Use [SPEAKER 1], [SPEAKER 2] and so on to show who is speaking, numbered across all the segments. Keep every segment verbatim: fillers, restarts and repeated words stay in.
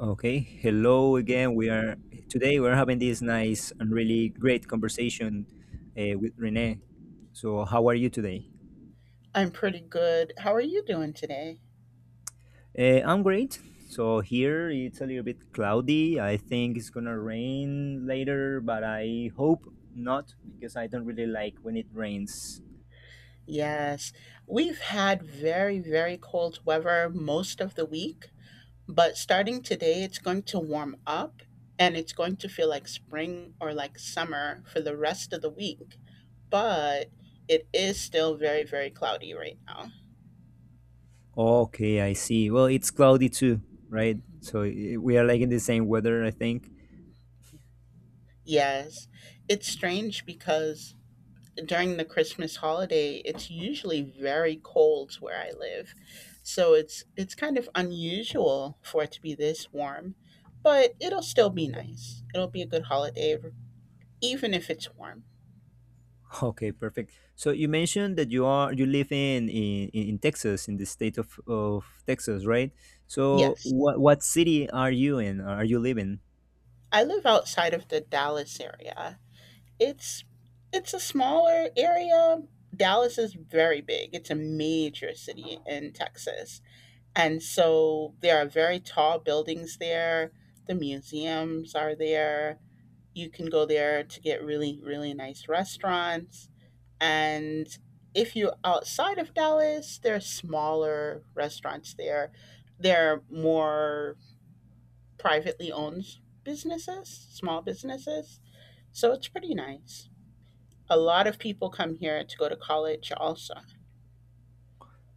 [SPEAKER 1] Okay, hello again. We are today we're having this nice and really great conversation uh, with Renee. So, how are you today?
[SPEAKER 2] I'm pretty good. How are you doing today?
[SPEAKER 1] Uh, I'm great. So here it's a little bit cloudy. I think it's gonna rain later, but I hope not because I don't really like when it rains.
[SPEAKER 2] Yes, we've had very, very cold weather most of the week, but starting today, it's going to warm up and it's going to feel like spring or like summer for the rest of the week. But it is still very, very cloudy right now.
[SPEAKER 1] Okay, I see. Well, it's cloudy too, right? So i- we are like in the same weather, I think.
[SPEAKER 2] Yes, it's strange because during the Christmas holiday, it's usually very cold where I live. So it's it's kind of unusual for it to be this warm, but it'll still be nice. It'll be a good holiday even if it's warm.
[SPEAKER 1] Okay, perfect. So you mentioned that you are you live in in, in Texas, in the state of, of Texas, right? So
[SPEAKER 2] Yes.
[SPEAKER 1] what what city are you in? Are you living?
[SPEAKER 2] I live outside of the Dallas area. It's it's a smaller area. Dallas is very big. It's a major city in Texas. And so there are very tall buildings there. The museums are there. You can go there to get really, really nice restaurants. And if you're outside of Dallas, there are smaller restaurants there. They're more privately owned businesses, small businesses. So it's pretty nice. A lot of people come here to go to college also.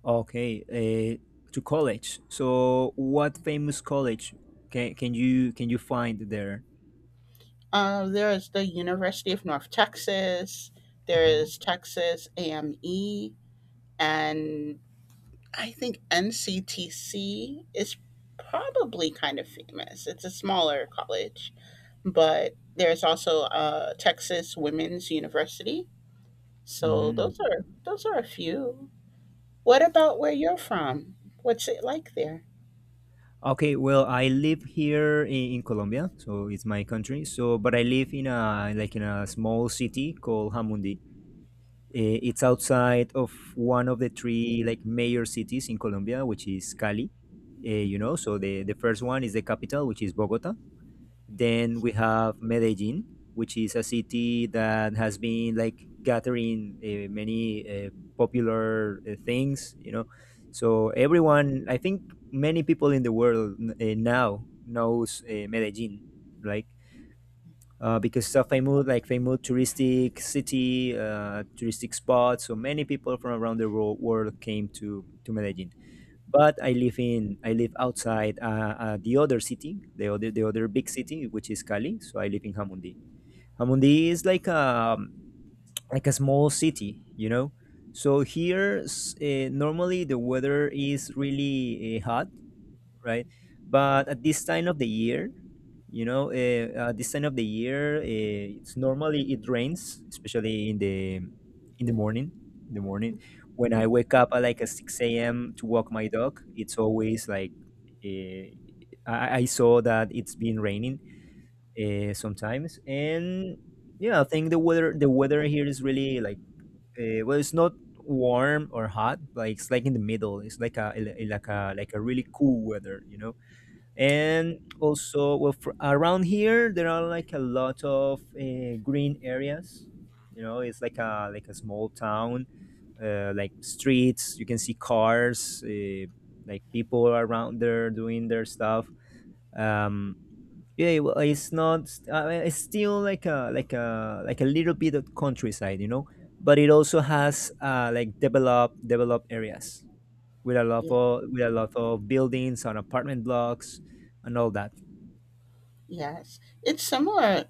[SPEAKER 1] Okay, uh, to college. So what famous college can can you can you find there?
[SPEAKER 2] Uh, there is the University of North Texas. There
[SPEAKER 1] Uh-huh.
[SPEAKER 2] is Texas A M E, and I think N C T C is probably kind of famous. It's a smaller college, but there's also uh, Texas Women's University. So
[SPEAKER 1] Mm.
[SPEAKER 2] those are those are a few. What about where you're from? What's it like there?
[SPEAKER 1] Okay, well, I live here in, in Colombia, so it's my country. So, but I live in a like in a small city called Hamundi. Eh, It's outside of one of the three like major cities in Colombia, which is Cali. Eh, you know, so
[SPEAKER 2] hmm
[SPEAKER 1] the the first one is the capital, which is Bogota. Then we have Medellin, which is a city that has been like gathering uh, many uh, popular uh, things. You know, so everyone, I think many people in the world uh, now knows uh, Medellin. Like uh, because it's a famous, like famous, touristic city, uh, touristic spot. So many people from around the world, world came to to Medellin. But I live in I live outside uh, uh, the other city, the other the other big city, which is Cali. So I live in Hamundi. Hamundi is like a like a small city, you know. So here, uh, normally the weather is really uh, hot, right? But at this time of the year, you know, eh, uh, at this time of the year, uh, it's normally it rains, especially in the in the morning. In the morning, when I wake up at like a six a m to walk my dog, it's always like uh, I, I saw that it's been raining uh, sometimes, and yeah, I think the weather the weather here is really like uh, well, it's not warm or hot, like it's like in the middle. It's like a like a like a really cool weather, you know, and also well fr around here there are like a lot of uh, green areas, you know, it's like a like a small town, uh, like streets, you can see cars, uh, like people around there doing their stuff. um yeah, well, it's not, I mean, it's still like a like a like a little bit of countryside, you know, but it also has uh like developed developed areas with a lot
[SPEAKER 2] Yeah.
[SPEAKER 1] of with a lot of buildings on apartment blocks and all that.
[SPEAKER 2] Yes. It's similar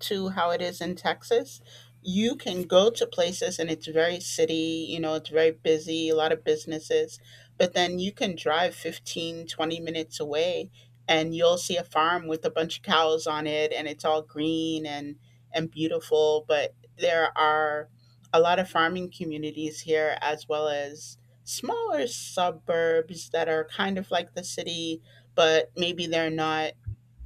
[SPEAKER 2] to how it is in Texas. You can go to places and it's very city, you know, it's very busy, a lot of businesses, but then you can drive fifteen, twenty minutes away and you'll see a farm with a bunch of cows on it and it's all green and and beautiful. But there are a lot of farming communities here, as well as smaller suburbs that are kind of like the city, but maybe they're not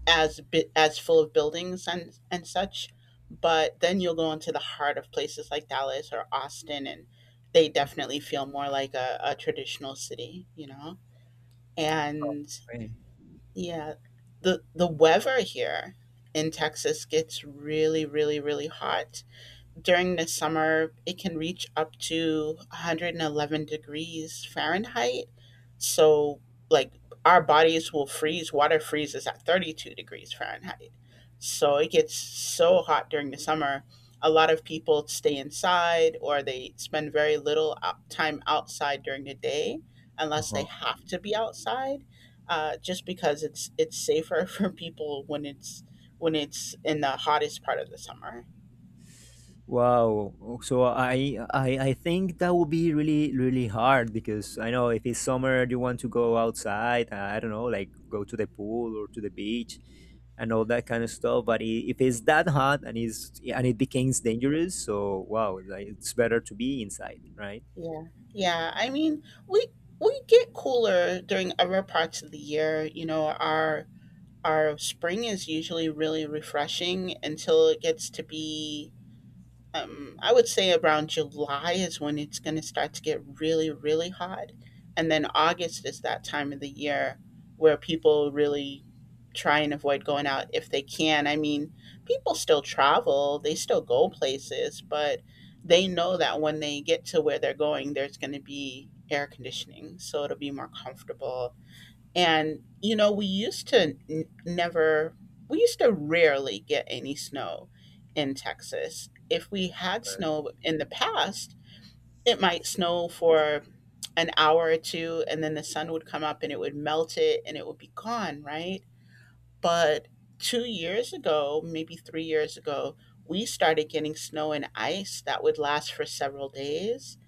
[SPEAKER 2] as bi- as full of buildings and and such. But then you'll go into the heart of places like Dallas or Austin, and they definitely feel more like a, a traditional city, you know. And
[SPEAKER 1] Okay.
[SPEAKER 2] yeah, the the weather here in Texas gets really, really, really hot. During the summer, it can reach up to one hundred eleven degrees Fahrenheit. So, like, our bodies will freeze. Water freezes at thirty-two degrees Fahrenheit. So it gets so hot during the summer. A lot of people stay inside, or they spend very little out- time outside during the day unless they
[SPEAKER 1] Uh-huh.
[SPEAKER 2] have to be outside. Uh, just because it's it's safer for people when it's when it's in the hottest part of the summer.
[SPEAKER 1] Wow. So I, I I think that would be really really hard because I know if it's summer you want to go outside. I don't know, like go to the pool or to the beach and all that kind of stuff. But i- if it's that hot and it's and it becomes dangerous, so wow, like, it's better to be inside, right?
[SPEAKER 2] Yeah. Yeah. I mean, we we get cooler during other parts of the year. You know, our our spring is usually really refreshing until it gets to be um, I would say around July is when it's going to start to get really, really hot. And then August is that time of the year where people really try and avoid going out if they can. I mean, people still travel, they still go places, but they know that when they get to where they're going, there's going to be air conditioning. So it'll be more comfortable. And, you know, we used to n- never, we used to rarely get any snow in Texas. If we had snow in the past, it might snow for an hour or two, and then the sun would come up and it would melt it and it would be gone, right? But two years ago, maybe three years ago, we started getting snow and ice that would last for several days,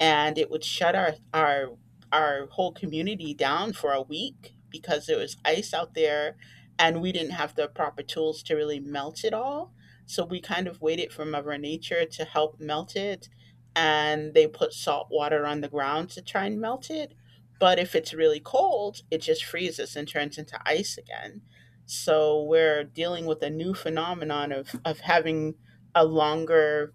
[SPEAKER 2] and it would shut our our our whole community down for a week because there was ice out there, and we didn't have the proper tools to really melt it all. So we kind of waited for mother nature to help melt it, and they put salt water on the ground to try and melt it. But if it's really cold, it just freezes and turns into ice again. So we're dealing with a new phenomenon of of having a longer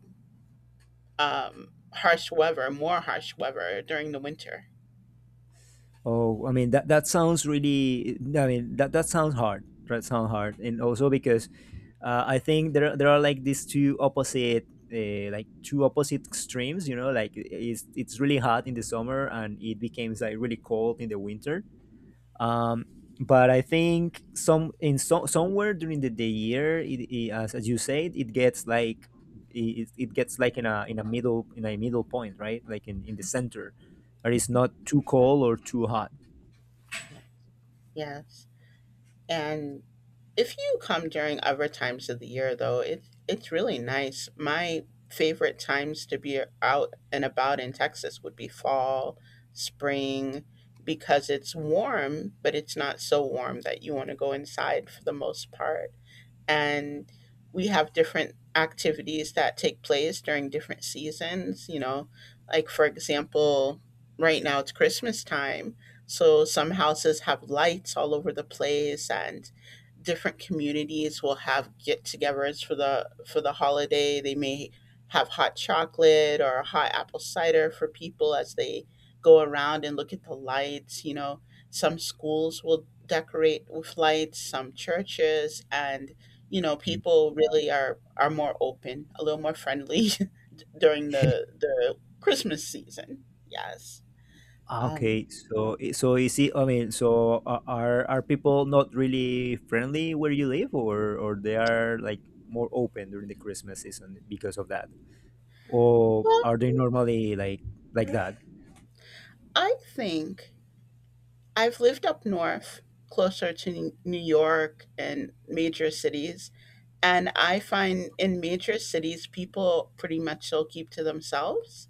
[SPEAKER 2] um, harsh weather, more harsh weather during the winter.
[SPEAKER 1] Oh, I mean that that sounds really. I mean that that sounds hard. That sounds hard, and also because uh, I think there are- there are like these two opposite, uh, like two opposite extremes. You know, like it's it's really hot in the summer and it becomes like really cold in the winter. Um, but I think some in so, somewhere during the, the year, it, it, as as you said, it gets like it, it gets like in a in a middle in a middle point, right? Like in in the center, or it's
[SPEAKER 2] Mhm.
[SPEAKER 1] not too cold or too hot.
[SPEAKER 2] Yeah. Yes. And if you come during other times of the year, though, it, it's really nice. My favorite times to be out and about in Texas would be fall, spring, because it's warm, but it's not so warm that you want to go inside for the most part. And we have different activities that take place during different seasons, you know. Like, for example, right now it's Christmas time, so some houses have lights all over the place, and different communities will have get-togethers for the for the holiday. They may have hot chocolate or hot apple cider for people as they go around and look at the lights. You know, some schools will decorate with lights, some churches, and you know,
[SPEAKER 1] Mm.
[SPEAKER 2] people really are are more open, a little more friendly during the the Christmas season. Yes.
[SPEAKER 1] Ah,
[SPEAKER 2] Um,
[SPEAKER 1] okay, so i- so is it? I mean, so a- are are people not really friendly where you live, or or they are like more open during the Christmas season because of that, or
[SPEAKER 2] well,
[SPEAKER 1] are they normally like like that?
[SPEAKER 2] I think I've lived up north, closer to New York and major cities. And I find in major cities, people pretty much will keep to themselves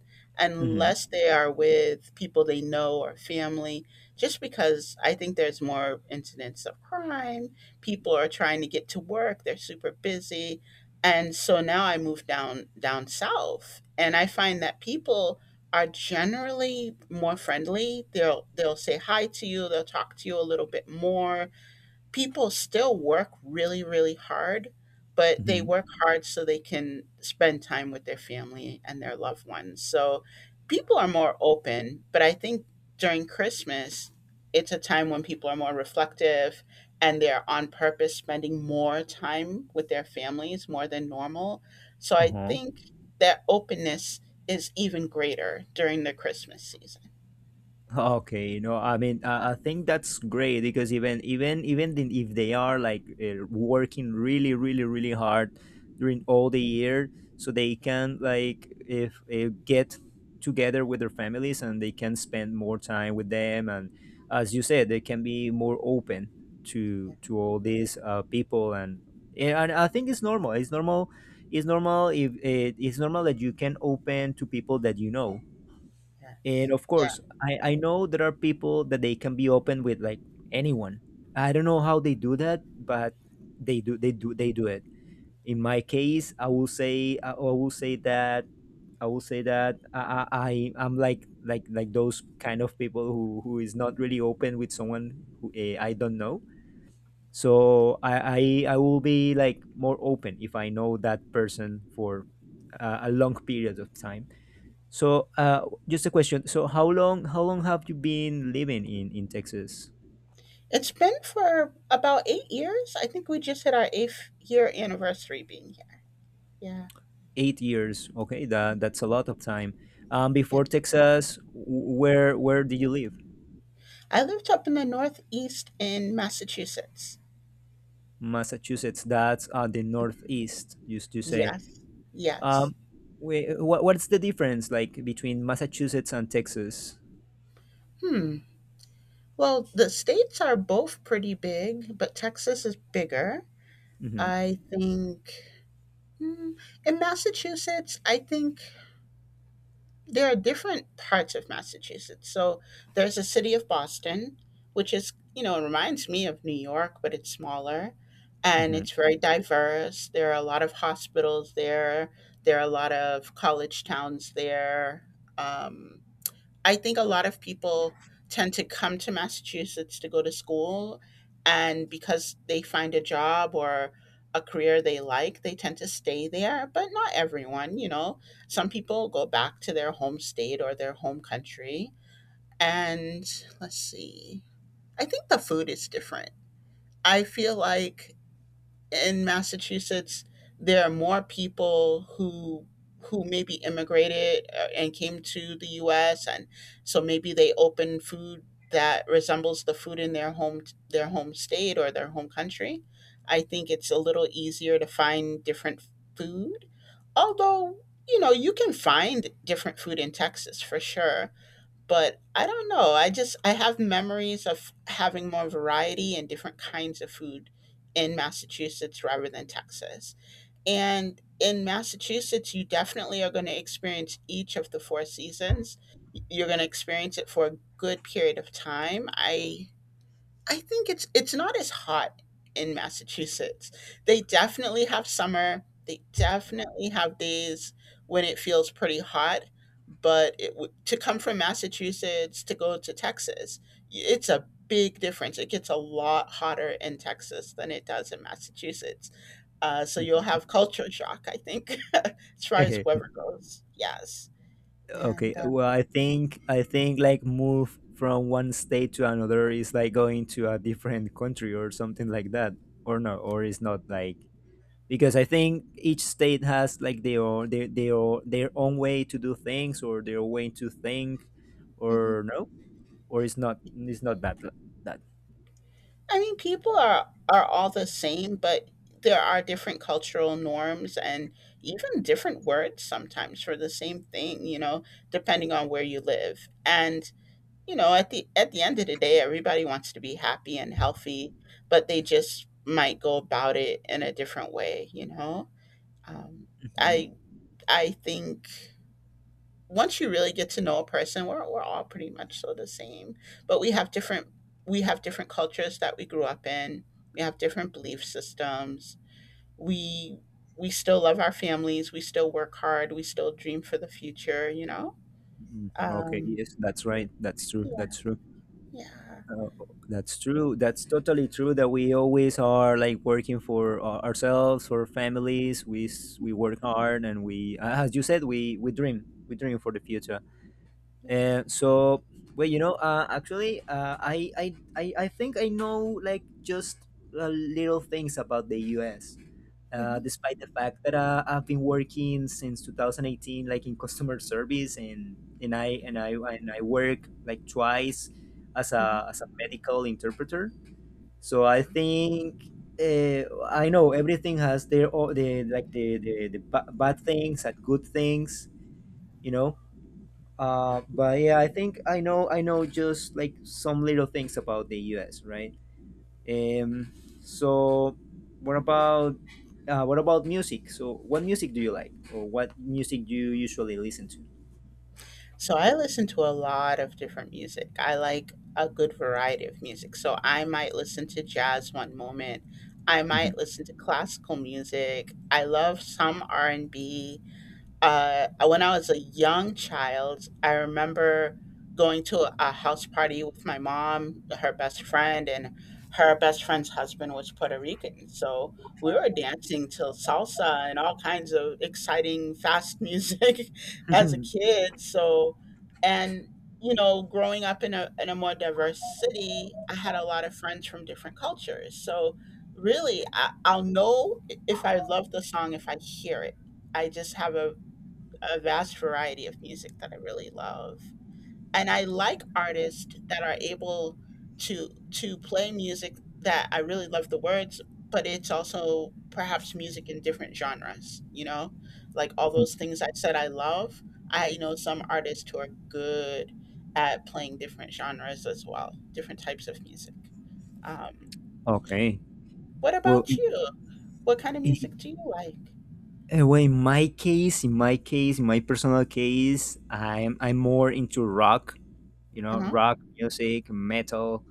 [SPEAKER 1] Mm-hmm.
[SPEAKER 2] unless they are with people they know or family, just because I think there's more incidents of crime. People are trying to get to work, they're super busy. And so now I moved down down south, and I find that people are generally more friendly. They'll they'll say hi to you, they'll talk to you a little bit more. People still work really, really hard, but they
[SPEAKER 1] Mm-hmm.
[SPEAKER 2] work hard so they can spend time with their family and their loved ones. So people are more open, but I think during Christmas, it's a time when people are more reflective, and they're on purpose spending more time with their families more than normal. So I
[SPEAKER 1] Uh-huh.
[SPEAKER 2] think that openness is even greater during the Christmas season.
[SPEAKER 1] Okay, no, I mean, uh, I think that's great because even even even then if they are like uh, working really, really, really hard during all the year, so they
[SPEAKER 2] Yeah,
[SPEAKER 1] can like if uh, get together with their families and they can spend more time with them, and as you
[SPEAKER 2] yeah,
[SPEAKER 1] said, they can be more open to to all these uh, people, and yeah, and I think it's normal. It's normal. It's normal if it, it's normal that you can open to people that you know,
[SPEAKER 2] yeah,
[SPEAKER 1] and of
[SPEAKER 2] yes.
[SPEAKER 1] course, I, I know there are people that they can be open with like anyone. I don't know how they do that, but they do they do they do it. In my case, I will say I I will say that I will say that I I I- I'm like like like those kind of people who who is not really open with someone who eh, I don't know. So I, I I will be like more open if I know that person for a, a long period of time. So, uh, just a question. So, how long how long have you been living in in Texas?
[SPEAKER 2] It's been for about eight years. I think we just hit our eighth year anniversary being here. Yeah.
[SPEAKER 1] Eight years. Okay, that that's a lot of time. Um,
[SPEAKER 2] Yeah.
[SPEAKER 1] before Texas, w- where where did you live?
[SPEAKER 2] I lived up in the Northeast in Massachusetts.
[SPEAKER 1] Massachusetts. That's uh, the Northeast. Used to say.
[SPEAKER 2] Yes. Yes.
[SPEAKER 1] Um, wait, what what's the difference like between Massachusetts and Texas?
[SPEAKER 2] Hmm. Well, the states are both pretty big, but Texas is bigger.
[SPEAKER 1] Mm-hmm.
[SPEAKER 2] I think, hmm, in Massachusetts, I think there are different parts of Massachusetts. So there's the city of Boston, which is, you know, it reminds me of New York, but it's smaller, and
[SPEAKER 1] Mm-hmm.
[SPEAKER 2] it's very diverse. There are a lot of hospitals there, there are a lot of college towns there. Um, I think a lot of people tend to come to Massachusetts to go to school, and because they find a job or a career they like, they tend to stay there, but not everyone, you know. Some people go back to their home state or their home country. And let's see, I think the food is different. I feel like in Massachusetts, there are more people who who maybe immigrated uh, and came to the U S And so maybe they open food that resembles the food in their home, their home state or their home country. I think it's a little easier to find different food, although you know you can find different food in Texas for sure. But I don't know. I just I have memories of having more variety and different kinds of food in Massachusetts rather than Texas. And in Massachusetts, you definitely are going to experience each of the four seasons. You're going to experience it for a good period of time. I I think it's it's not as hot in Massachusetts. They definitely have summer. They definitely have days when it feels pretty hot, but it w- to come from Massachusetts to go to Texas, y- it's a big difference. It gets a lot hotter in Texas than it does in Massachusetts. Uh, so you'll have culture shock, I think, as far as weather goes. Yes, and
[SPEAKER 1] Okay, well, I think I think like move from one state to another is like going to a different country or something like that, or no, or it's not like because I think each state has like their own, their their own- their own way to do things or their way to think,
[SPEAKER 2] uh,
[SPEAKER 1] or no, or it's not it's not that that.
[SPEAKER 2] I mean, people are are all the same, but there are different cultural norms and even different words sometimes for the same thing, you know, depending on where you live. And, you know, at the at the end of the day, everybody wants to be happy and healthy, but they just might go about it in a different way, you know. Um,
[SPEAKER 1] Mhm.
[SPEAKER 2] I I think once you really get to know a person, we're we're all pretty much so the same, but we have different, we have different cultures that we grew up in. We have different belief systems. We we still love our families. We still work hard. We still dream for the future. You know.
[SPEAKER 1] Mhm. Okay,
[SPEAKER 2] Um,
[SPEAKER 1] yes, that's right. That's true.
[SPEAKER 2] yeah.
[SPEAKER 1] That's true.
[SPEAKER 2] Yeah.
[SPEAKER 1] Uh, that's true. That's totally true. That we always are like working for uh, ourselves, for families. We s- we work hard, and we, uh, as you said, we we dream. We dream for the future.
[SPEAKER 2] Yeah.
[SPEAKER 1] And so, well, you know, uh, actually, uh, I, I, I, I think I know like just uh, little things about the U S. Uh,
[SPEAKER 2] hmm
[SPEAKER 1] despite the fact that uh, I've been working since two thousand eighteen, like in customer service, and and I and I and I work like twice as a
[SPEAKER 2] hmm
[SPEAKER 1] as a medical interpreter. So I
[SPEAKER 2] Wow.
[SPEAKER 1] think uh, I know everything has their o- the like the the, the ba- bad things and good things, you know. Uh, but yeah, I think I know I know just like some little things about the U S. Right? Um, so what about uh, what about music? So what music do you like, or what music do you usually listen to?
[SPEAKER 2] So I listen to a lot of different music. I like a good variety of music. So I might listen to jazz one moment. I might listen to classical music. I love some R and B. uh, when I was a young child, I remember going to a house party with my mom, her best friend, and her best friend's husband was Puerto Rican. So we were dancing to salsa and all kinds of exciting, fast music as a
[SPEAKER 1] Mhm.
[SPEAKER 2] kid. So, and you know, growing up in a in a more diverse city, I had a lot of friends from different cultures. So, really, I, I'll know if I love the song if I hear it. I just have a a vast variety of music that I really love. And I like artists that are able to to play music that I really love the words, but it's also perhaps music in different genres, you know? Like all those things I said I love. I know some artists who are good at playing different genres as well, different types of music. Um,
[SPEAKER 1] Okay.
[SPEAKER 2] what
[SPEAKER 1] Well,
[SPEAKER 2] about
[SPEAKER 1] in,
[SPEAKER 2] you? What kind of music do you like?
[SPEAKER 1] in, well, in my case, in my case, in my personal case, I'm I'm more into rock. You
[SPEAKER 2] Uh
[SPEAKER 1] know,
[SPEAKER 2] huh.
[SPEAKER 1] rock music, metal,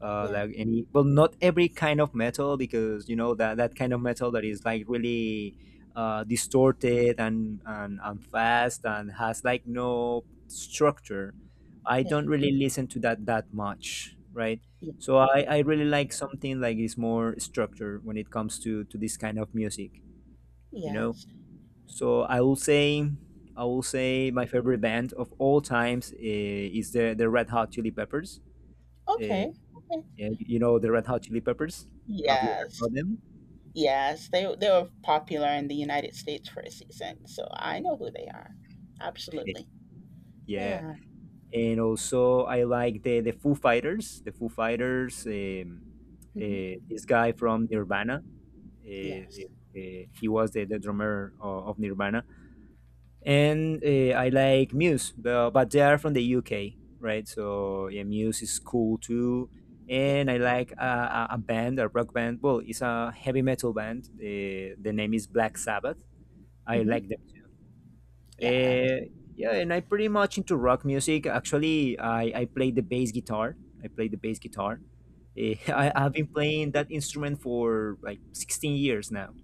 [SPEAKER 1] uh,
[SPEAKER 2] Yeah.
[SPEAKER 1] like any, well, not every kind of metal because you know that that kind of metal that is like really uh, distorted and, and and fast and has like no structure. I
[SPEAKER 2] Yeah.
[SPEAKER 1] don't really listen to that that much, right?
[SPEAKER 2] Yeah.
[SPEAKER 1] So i i really like something like is more structure when it comes to to this kind of music, you know.
[SPEAKER 2] Yes.
[SPEAKER 1] So i will say I will say my favorite band of all times uh, is the the Red Hot Chili Peppers. eh,
[SPEAKER 2] Okay.
[SPEAKER 1] yeah, you know the Red Hot Chili Peppers. Have you heard
[SPEAKER 2] Yes.
[SPEAKER 1] about them?
[SPEAKER 2] Yes. They they were popular in the United States for a season, so I know who they are. Absolutely.
[SPEAKER 1] Yeah,
[SPEAKER 2] Yeah.
[SPEAKER 1] and also I like the the Foo Fighters. The Foo Fighters. Um,
[SPEAKER 2] Hmm.
[SPEAKER 1] uh, this guy from Nirvana.
[SPEAKER 2] Yes.
[SPEAKER 1] Uh, uh, he was the, the drummer of, of Nirvana, and uh, I like Muse, but, but they are from the U K, right? So yeah, Muse is cool too.
[SPEAKER 2] Yeah.
[SPEAKER 1] And I like a, a a band, a rock band. Well, it's a heavy metal band. Uh, the name is Black Sabbath. I
[SPEAKER 2] Hmm.
[SPEAKER 1] like them
[SPEAKER 2] Yeah.
[SPEAKER 1] Uh, yeah, and I pretty much into rock music. Actually, I, I play the bass guitar. I play the bass guitar. Eh,
[SPEAKER 2] Oh,
[SPEAKER 1] I, I've been playing that instrument for like sixteen years now.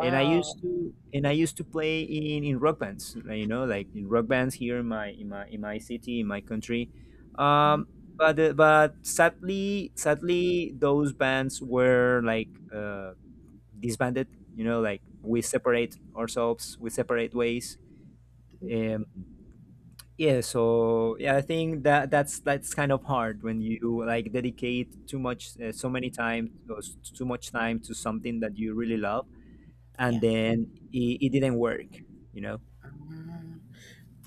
[SPEAKER 1] And I used to and I used to play in, in rock bands, like, you know, like in rock bands here in my in my in my city, in my country. Um,
[SPEAKER 2] Mhm.
[SPEAKER 1] but uh, but sadly, sadly, those bands were like uh, disbanded. You know, like we separate ourselves, we separate ways. Um, yeah, so yeah, I think that that's that's kind of hard when you like dedicate too much, uh, so many time, or s- too much time to something that you really love, and
[SPEAKER 2] Yeah.
[SPEAKER 1] then it, it didn't work, you know.
[SPEAKER 2] Ah.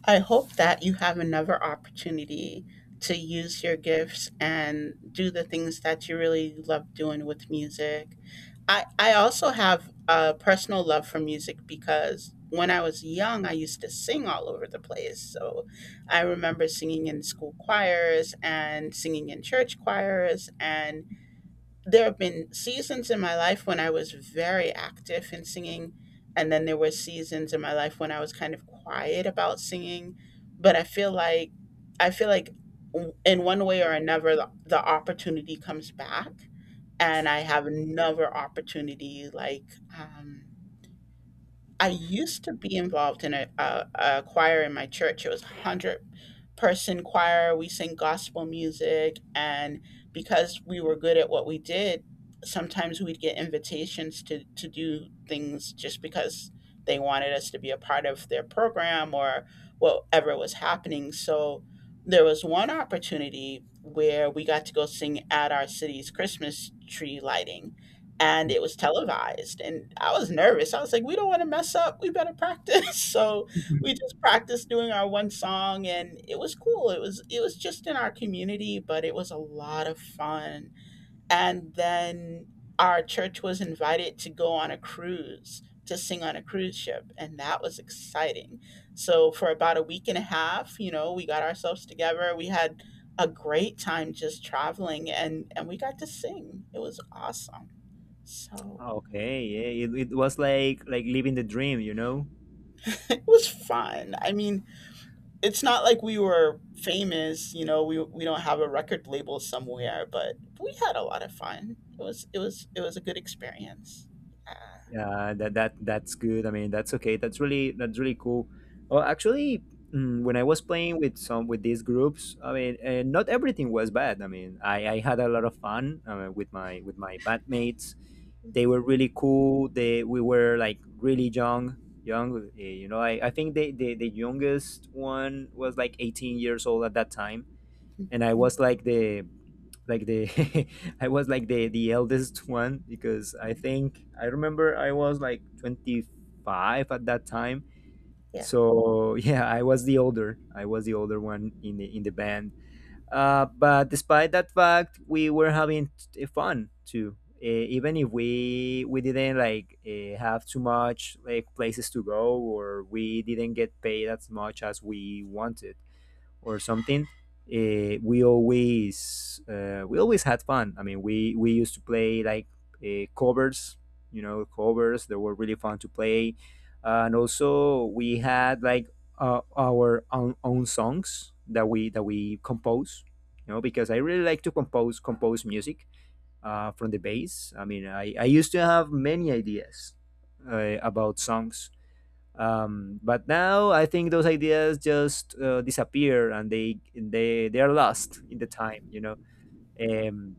[SPEAKER 2] I hope that you have another opportunity to use your gifts and do the things that you really love doing with music. I, I also have a personal love for music because when I was young, I used to sing all over the place. So I remember singing in school choirs and singing in church choirs. And there have been seasons in my life when I was very active in singing, and then there were seasons in my life when I was kind of quiet about singing. But I feel like I feel like w- in one way or another, the, the opportunity comes back, and I have another opportunity like. Um, I used to be involved in a, a, a choir in my church. It was a hundred person choir. We sing gospel music, and because we were good at what we did, sometimes we'd get invitations to to do things just because they wanted us to be a part of their program or whatever was happening. So there was one opportunity where we got to go sing at our city's Christmas tree lighting, and
[SPEAKER 1] Mm.
[SPEAKER 2] it was televised, and I was nervous. I was like, we don't want to mess up, we better practice. So we
[SPEAKER 1] Mhm.
[SPEAKER 2] just practiced doing our one song, and it was cool. It was, it was just in our community, but it was a lot of fun. And then our church was invited to go on a cruise to sing on a cruise ship, and that was exciting. So for about a week and a half, you know, we got ourselves together. We had a great time just traveling, and and we got to sing. It was awesome. So
[SPEAKER 1] Okay, yeah, it, it was like like living the dream, you know.
[SPEAKER 2] it was fun. I mean, it's not like we were famous, you know, we we don't have a record label somewhere, but we had a lot of fun. It was it was it was a good experience. Yeah.
[SPEAKER 1] Yeah, that that that's good. I mean, that's okay. That's really that's really cool. Well, actually, mm, when I was playing with some with these groups, I mean, uh, not everything was bad. I mean, I, I had a lot of fun uh, with my with my bandmates.
[SPEAKER 2] Mm,
[SPEAKER 1] They were really cool. They We were like really young, young. uh, You know, I I think the the, the youngest one was like eighteen years old at that time, and I was like the like the I was like the the eldest one because I think I remember I was like twenty-five at that time.
[SPEAKER 2] yeah.
[SPEAKER 1] So yeah, I was the older. I was the older one in the in the band. Uh, but despite that fact, we were having t- fun too. Uh, even if we we didn't like uh, have too much like places to go, or we didn't get paid as much as we wanted or something, uh, we always uh, we always had fun. I mean, we we used to play like uh, covers, you know, covers that were really fun to play, uh, and also we had like uh, our own, own songs that we that we compose. You know, because I really like to compose compose music uh, from the bass. I mean, I, I used to have many ideas uh, about songs, um, but now I think those ideas just uh, disappear, and they they they are lost in the time, you know. um,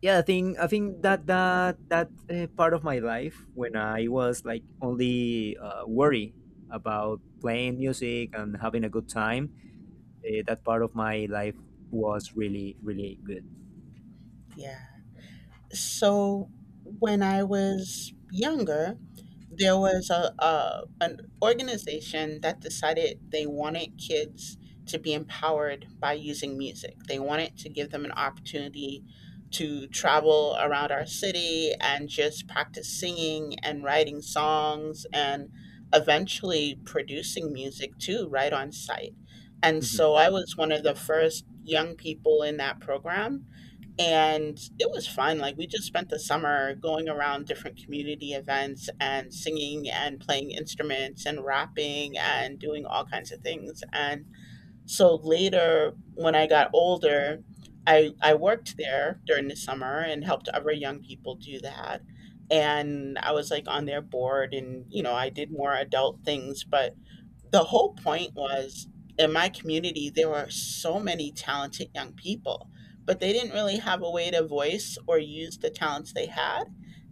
[SPEAKER 1] yeah I think i think that that that uh, part of my life, when I was like only uh, worry about playing music and having a good time, uh, that part of my life was really really good.
[SPEAKER 2] Yeah. So when I was younger, there was a, a an organization that decided they wanted kids to be empowered by using music. They wanted to give them an opportunity to travel around our city and just practice singing and writing songs and eventually producing music too, right on site. And
[SPEAKER 1] Mhm.
[SPEAKER 2] so I was one of the first young people in that program, and it was fun. Like, we just spent the summer going around different community events and singing and playing instruments and rapping and doing all kinds of things. And so later, when I got older, I I worked there during the summer and helped other young people do that. And I was like on their board, and you know, I did more adult things, but the whole point was in my community there were so many talented young people, but they didn't really have a way to voice or use the talents they had.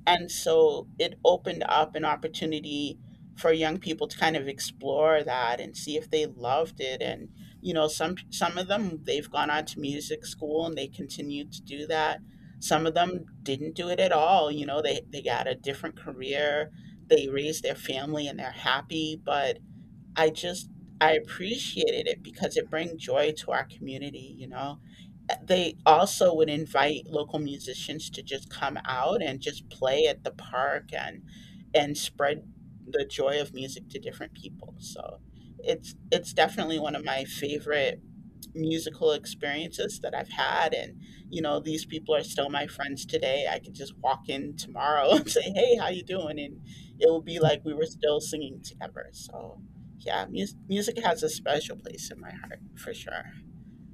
[SPEAKER 2] And so it opened up an opportunity for young people to kind of explore that and see if they loved it. And you know, some some of them, they've gone on to music school and they continue to do that. Some of them didn't do it at all, you know. They they got a different career. They raised their family and they're happy, but I just, I appreciated it because it brings joy to our community, you know. They also would invite local musicians to just come out and just play at the park and and spread the joy of music to different people. So it's it's definitely one of my favorite musical experiences that I've had. And, you know, these people are still my friends today. I could just walk in tomorrow and say, hey, how you doing? And it will be like we were still singing together. So, yeah, mus- music has a special place in my heart for sure.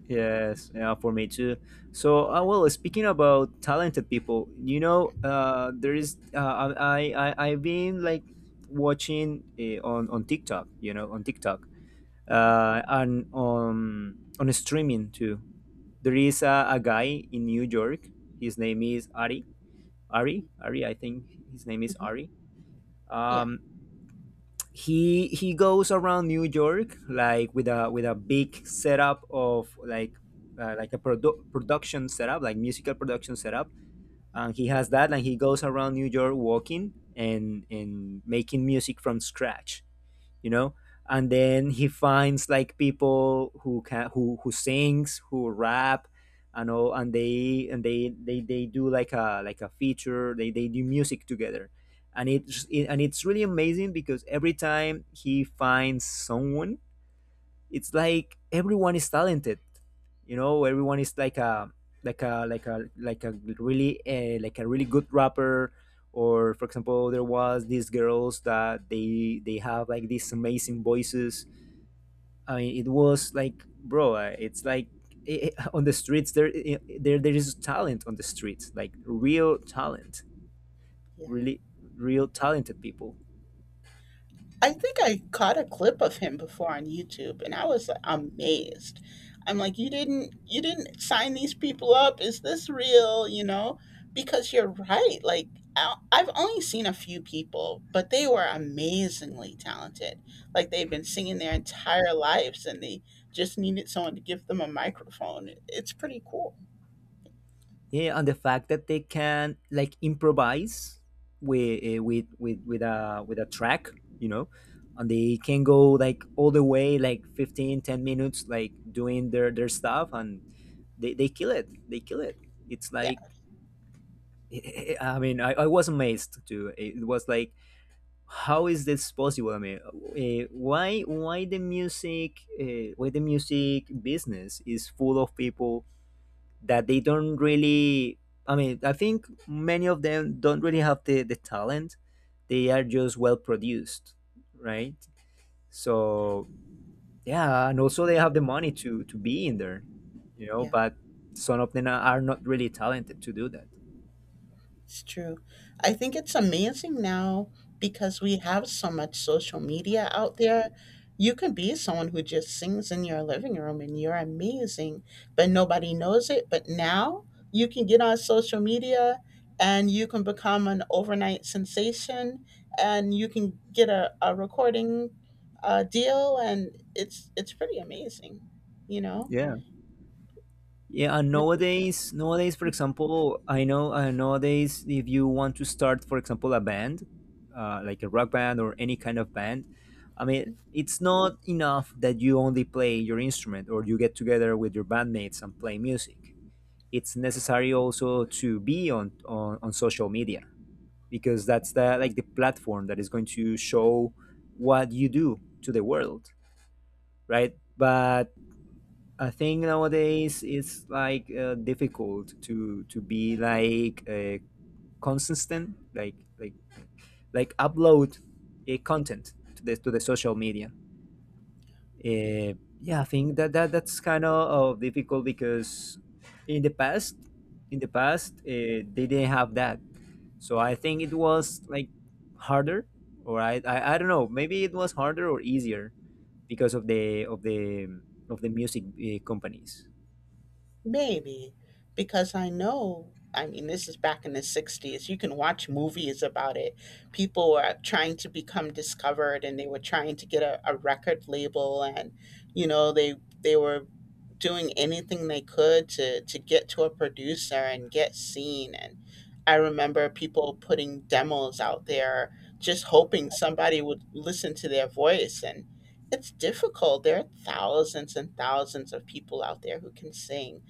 [SPEAKER 1] Yes, yeah, for me too. So, uh, well, speaking about talented people, you know, uh, there is uh, I I I- I've been like watching uh, on on TikTok, you know, on TikTok,
[SPEAKER 2] Hmm.
[SPEAKER 1] uh, and on on streaming too. There is a, a guy in New York. His name is Ari. Ari, Ari, I think his name is
[SPEAKER 2] Hmm.
[SPEAKER 1] Ari.
[SPEAKER 2] Yeah.
[SPEAKER 1] Um, he he goes around New York like with a with a big setup of like uh, like a produ- production setup, like musical production setup, and he has that, and he goes around New York walking and and making music from scratch, you know. And then he finds like people who can who who sings, who rap and all, and they and they they, they do like a like a feature. They, they do music together, and it's it, and it's really amazing because every time he finds someone, it's like everyone is talented. You know, everyone is like a like a like a like a really uh, like a really good rapper. Or for example, there was these girls that they they have like these amazing voices. I mean, it was like, bro, uh, it's like eh, eh, on the streets there, eh, there there is talent on the streets, like real talent.
[SPEAKER 2] Yeah.
[SPEAKER 1] Really real talented people.
[SPEAKER 2] I think I caught a clip of him before on YouTube, and I was like, amazed. I'm like, you didn't you didn't sign these people up. Is this real, you know? Because you're right. Like, I- I've only seen a few people, but they were amazingly talented. Like, they've been singing their entire lives, and they just needed someone to give them a microphone. It's pretty cool.
[SPEAKER 1] Yeah, and the fact that they can like improvise with uh, with with with a with a track, you know, and they can go like all the way like fifteen, ten minutes like doing their their stuff, and they, they kill it, they kill it. It's
[SPEAKER 2] Yeah.
[SPEAKER 1] like I mean, i, I was amazed too. It was like, how is this possible? I mean, uh, why why the music, uh, why the music business is full of people that they don't really, I mean, I think many of them don't really have the, the talent. They are just well produced, right? So yeah, and also they have the money to to be in there, you know,
[SPEAKER 2] Yeah.
[SPEAKER 1] but some of them are not really talented to do that.
[SPEAKER 2] It's true. I think it's amazing now because we have so much social media out there. You can be someone who just sings in your living room and you're amazing, but nobody knows it. But now you can get on social media and you can become an overnight sensation and you can get a, a recording uh, deal, and it's it's pretty amazing, you know?
[SPEAKER 1] Yeah, yeah, and nowadays, nowadays, for example, I know uh, nowadays if you want to start, for example, a band, uh, like a rock band or any kind of band, I mean, it's not enough that you only play your instrument or you get together with your bandmates and play music. It's necessary also to be on on, on social media, because that's the like the platform that is going to show what you do to the world, right? But I think nowadays it's like uh, difficult to to be like uh, consistent, like like like upload a content to the to the social media. Uh, yeah, I think that, that that's kind of uh, difficult because in the past, in the past uh, they didn't have that, so I think it was like harder, or I, I I don't know, maybe it was harder or easier because of the of the of the music uh, companies.
[SPEAKER 2] Maybe, because I know, I mean, this is back in the sixties. You can watch movies about it. People were trying to become discovered and they were trying to get a, a record label and, you know, they they were doing anything they could to to get to a producer and get seen. And I remember people putting demos out there just hoping somebody would listen to their voice, and it's difficult. There are thousands and thousands of people out there who can sing,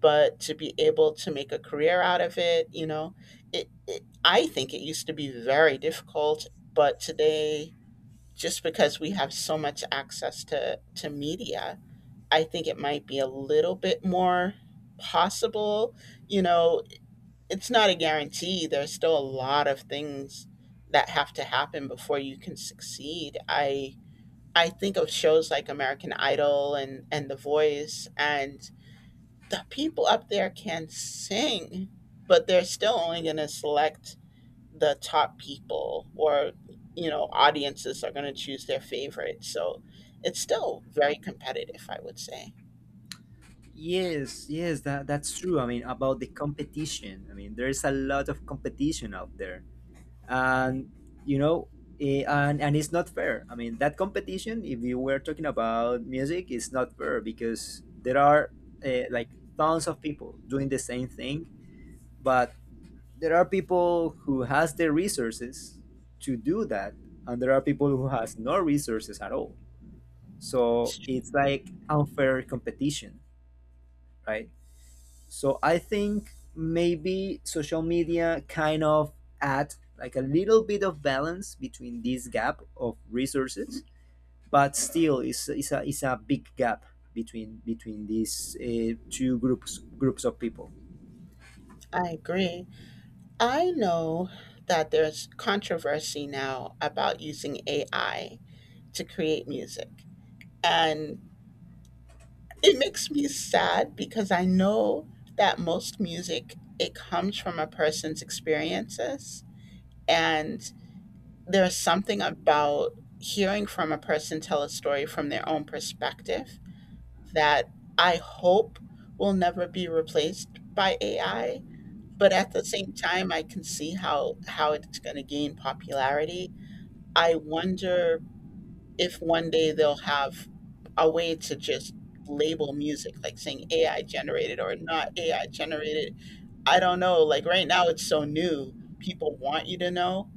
[SPEAKER 2] but to be able to make a career out of it, you know, it, it, I think it used to be very difficult, but today, just because we have so much access to to media, I think it might be a little bit more possible. You know, it's not a guarantee. There's still a lot of things that have to happen before you can succeed. I I think of shows like American Idol and and The Voice, and the people up there can sing, but they're still only going to select the top people, or you know, audiences are going to choose their favorites. So it's still very competitive, I would say.
[SPEAKER 1] Yes, yes, that, that's true. I mean, about the competition. I mean, there's a lot of competition out there, and you know, eh, and and it's not fair. I mean, that competition, if you were talking about music, is not fair because there are uh, like tons of people doing the same thing, but there are people who has the resources to do that, and there are people who has no resources at all. So
[SPEAKER 2] It's tr-
[SPEAKER 1] it's like unfair competition, right? So I think maybe social media kind of add like a little bit of balance between this gap of resources, but still it's, it's, a, it's a big gap between between these uh, two groups groups of people.
[SPEAKER 2] I agree. I know that there's controversy now about using A I to create music, and it makes me sad because I know that most music, it comes from a person's experiences, and there's something about hearing from a person tell a story from their own perspective that I hope will never be replaced by A I. But at the same time, I can see how, how it's going to gain popularity. I wonder if one day they'll have a way to just label music, like saying A I generated or not A I generated. I don't know. Like right now, it's so new. People want you to know,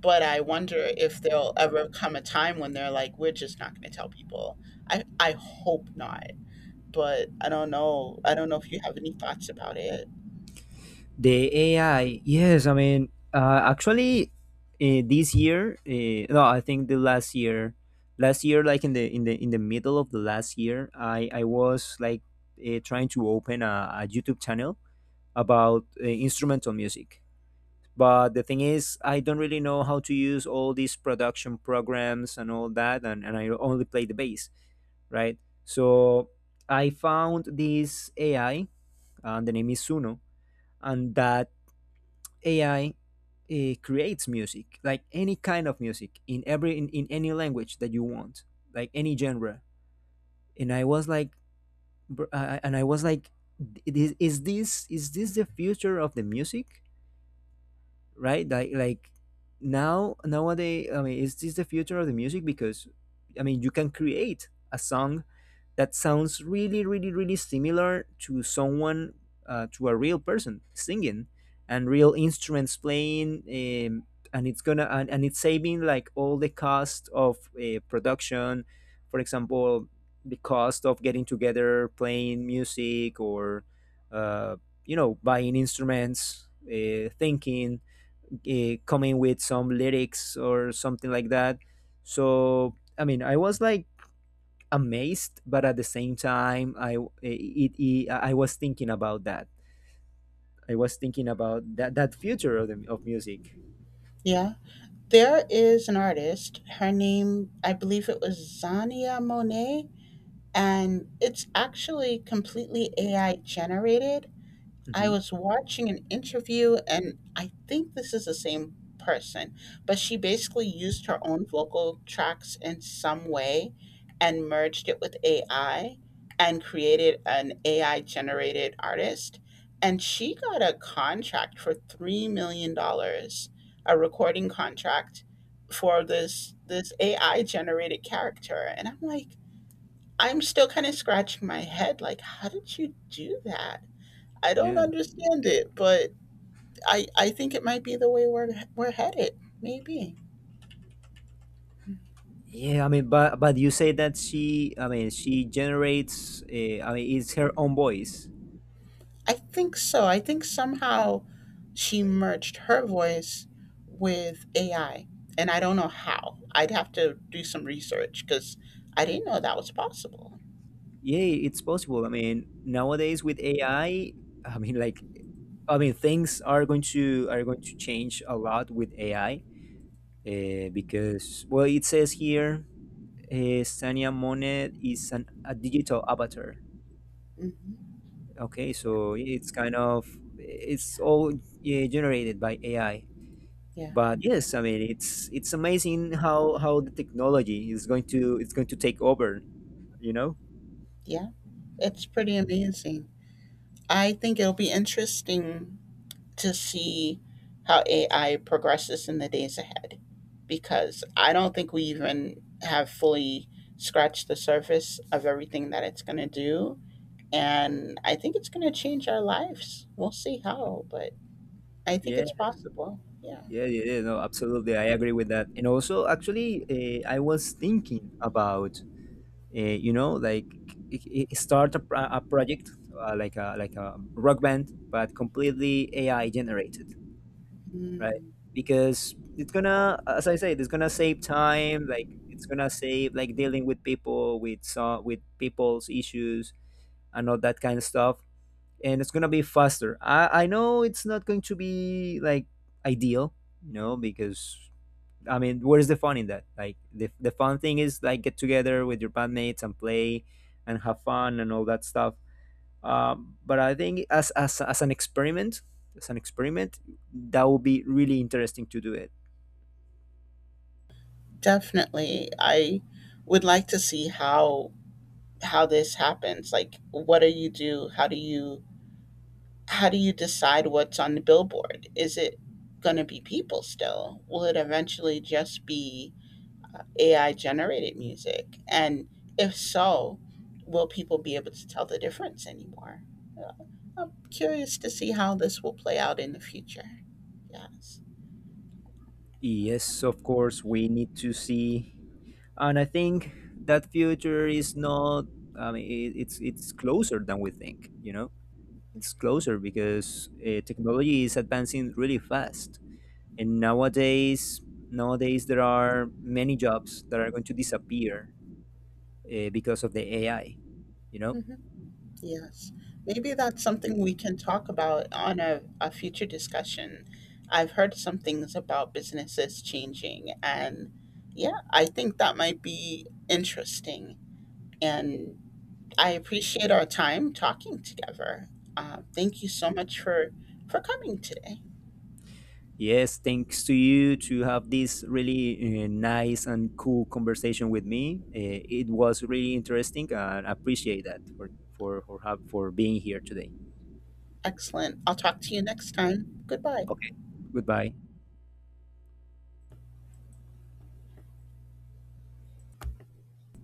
[SPEAKER 2] but I wonder if there'll ever come a time when they're like, "We're just not gonna tell people." I I hope not, but I don't know. I don't know if you have any thoughts about it.
[SPEAKER 1] The A I, yes, I mean uh, actually uh, this year, uh, no, I think the last year, last year, like in the in the in the middle of the last year, I I was like uh, trying to open a, a YouTube channel about uh, instrumental music. But the thing is, I don't really know how to use all these production programs and all that, and, and I only play the bass, right? So I found this A I, and the name is Suno, and that A I uh, creates music, like any kind of music in every in, in any language that you want, like any genre. And I was like, br- uh, and I was like, "Th- is, is this is this the future of the music? Right? Like like now nowadays, I mean, is this the future of the music? Because I mean, you can create a song that sounds really, really, really similar to someone, uh, to a real person singing, and real instruments playing, um, and it's gonna and, and it's saving like all the cost of uh, production, for example, the cost of getting together, playing music, or uh, you know, buying instruments, uh, thinking, uh, coming with some lyrics or something like that. So I mean, I was like amazed, but at the same time, I eh, it, it I was thinking about that. I was thinking about that that future of the of music.
[SPEAKER 2] Yeah. There is an artist. Her name, I believe, it was Zania Monet, and it's actually completely A I generated. I
[SPEAKER 1] Hmm.
[SPEAKER 2] was watching an interview, and I think this is the same person, but she basically used her own vocal tracks in some way and merged it with A I and created an A I generated artist. And she got a contract for three million dollars, dollars, a recording contract for this this A I generated character. And I'm like, I'm still kind of scratching my head, like, how did you do that? I don't
[SPEAKER 1] Yeah,
[SPEAKER 2] understand it, but I I think it might be the way we're we're headed. Maybe.
[SPEAKER 1] yeah. I mean, but but you say that she, I mean, she generates. Uh, I mean, it's her own voice.
[SPEAKER 2] I think so. I think somehow she merged her voice with A I, and I don't know how. I'd have to do some research because I didn't know that was possible.
[SPEAKER 1] Yeah, it's possible. I mean, nowadays with AI, i I mean like i mean things are going to, are going to change a lot with AI, uh, because, well, it says here, uh, Sania Monet is an, a digital avatar.
[SPEAKER 2] Hmm.
[SPEAKER 1] Okay,
[SPEAKER 2] Yeah,
[SPEAKER 1] so it's kind of, it's all, yeah, generated by AI.
[SPEAKER 2] yeah,
[SPEAKER 1] But yes, I mean, it's it's amazing how how the technology is going to, it's going to take over, you know.
[SPEAKER 2] yeah. It's pretty amazing. I think it'll be interesting to see how A I progresses in the days ahead because I don't think we even have fully scratched the surface of everything that it's going to do. And I think it's going to change our lives. We'll see how, but I think
[SPEAKER 1] Yeah.
[SPEAKER 2] it's possible. Yeah.
[SPEAKER 1] Yeah, yeah, yeah, no, absolutely. I agree with that. And also, actually, uh, I was thinking about, uh, you know, like i i- start a, pro- a project uh, like a like a rock band, but completely A I generated,
[SPEAKER 2] Mm,
[SPEAKER 1] right? Because it's gonna, as I said, it's gonna save time. Like it's gonna save like dealing with people with so, with people's issues and all that kind of stuff. And it's gonna be faster. I I know it's not going to be like ideal, you know, because I mean, where is the fun in that? Like the the fun thing is like get together with your bandmates and play and have fun and all that stuff. Um, but I think as as as an experiment, as an experiment, that would be really interesting to do it.
[SPEAKER 2] definitely. I would like to see how how this happens. Like, what do you do? How do you how do you decide what's on the billboard? Is it going to be people still? Will it eventually just be uh, A I generated music? And if so, will people be able to tell the difference anymore? Uh, I'm curious to see how this will play out in the future. Yes.
[SPEAKER 1] Yes, of course, we need to see, and I think that future is not. I mean, it, it's it's closer than we think. You know, it's closer because uh, technology is advancing really fast. And nowadays, nowadays there are many jobs that are going to disappear uh, because of the A I. You know,
[SPEAKER 2] Yes. Maybe that's something we can talk about on a, a future discussion. I've heard some things about businesses changing, and yeah, I think that might be interesting. And I appreciate our time talking together. Uh, thank you so much for for coming today.
[SPEAKER 1] yes, thanks to you to have this really uh, nice and cool conversation with me. Uh, it was really interesting, and I appreciate that for for for, have, for being here today.
[SPEAKER 2] Excellent. I'll talk to you next time. Goodbye.
[SPEAKER 1] Okay, goodbye.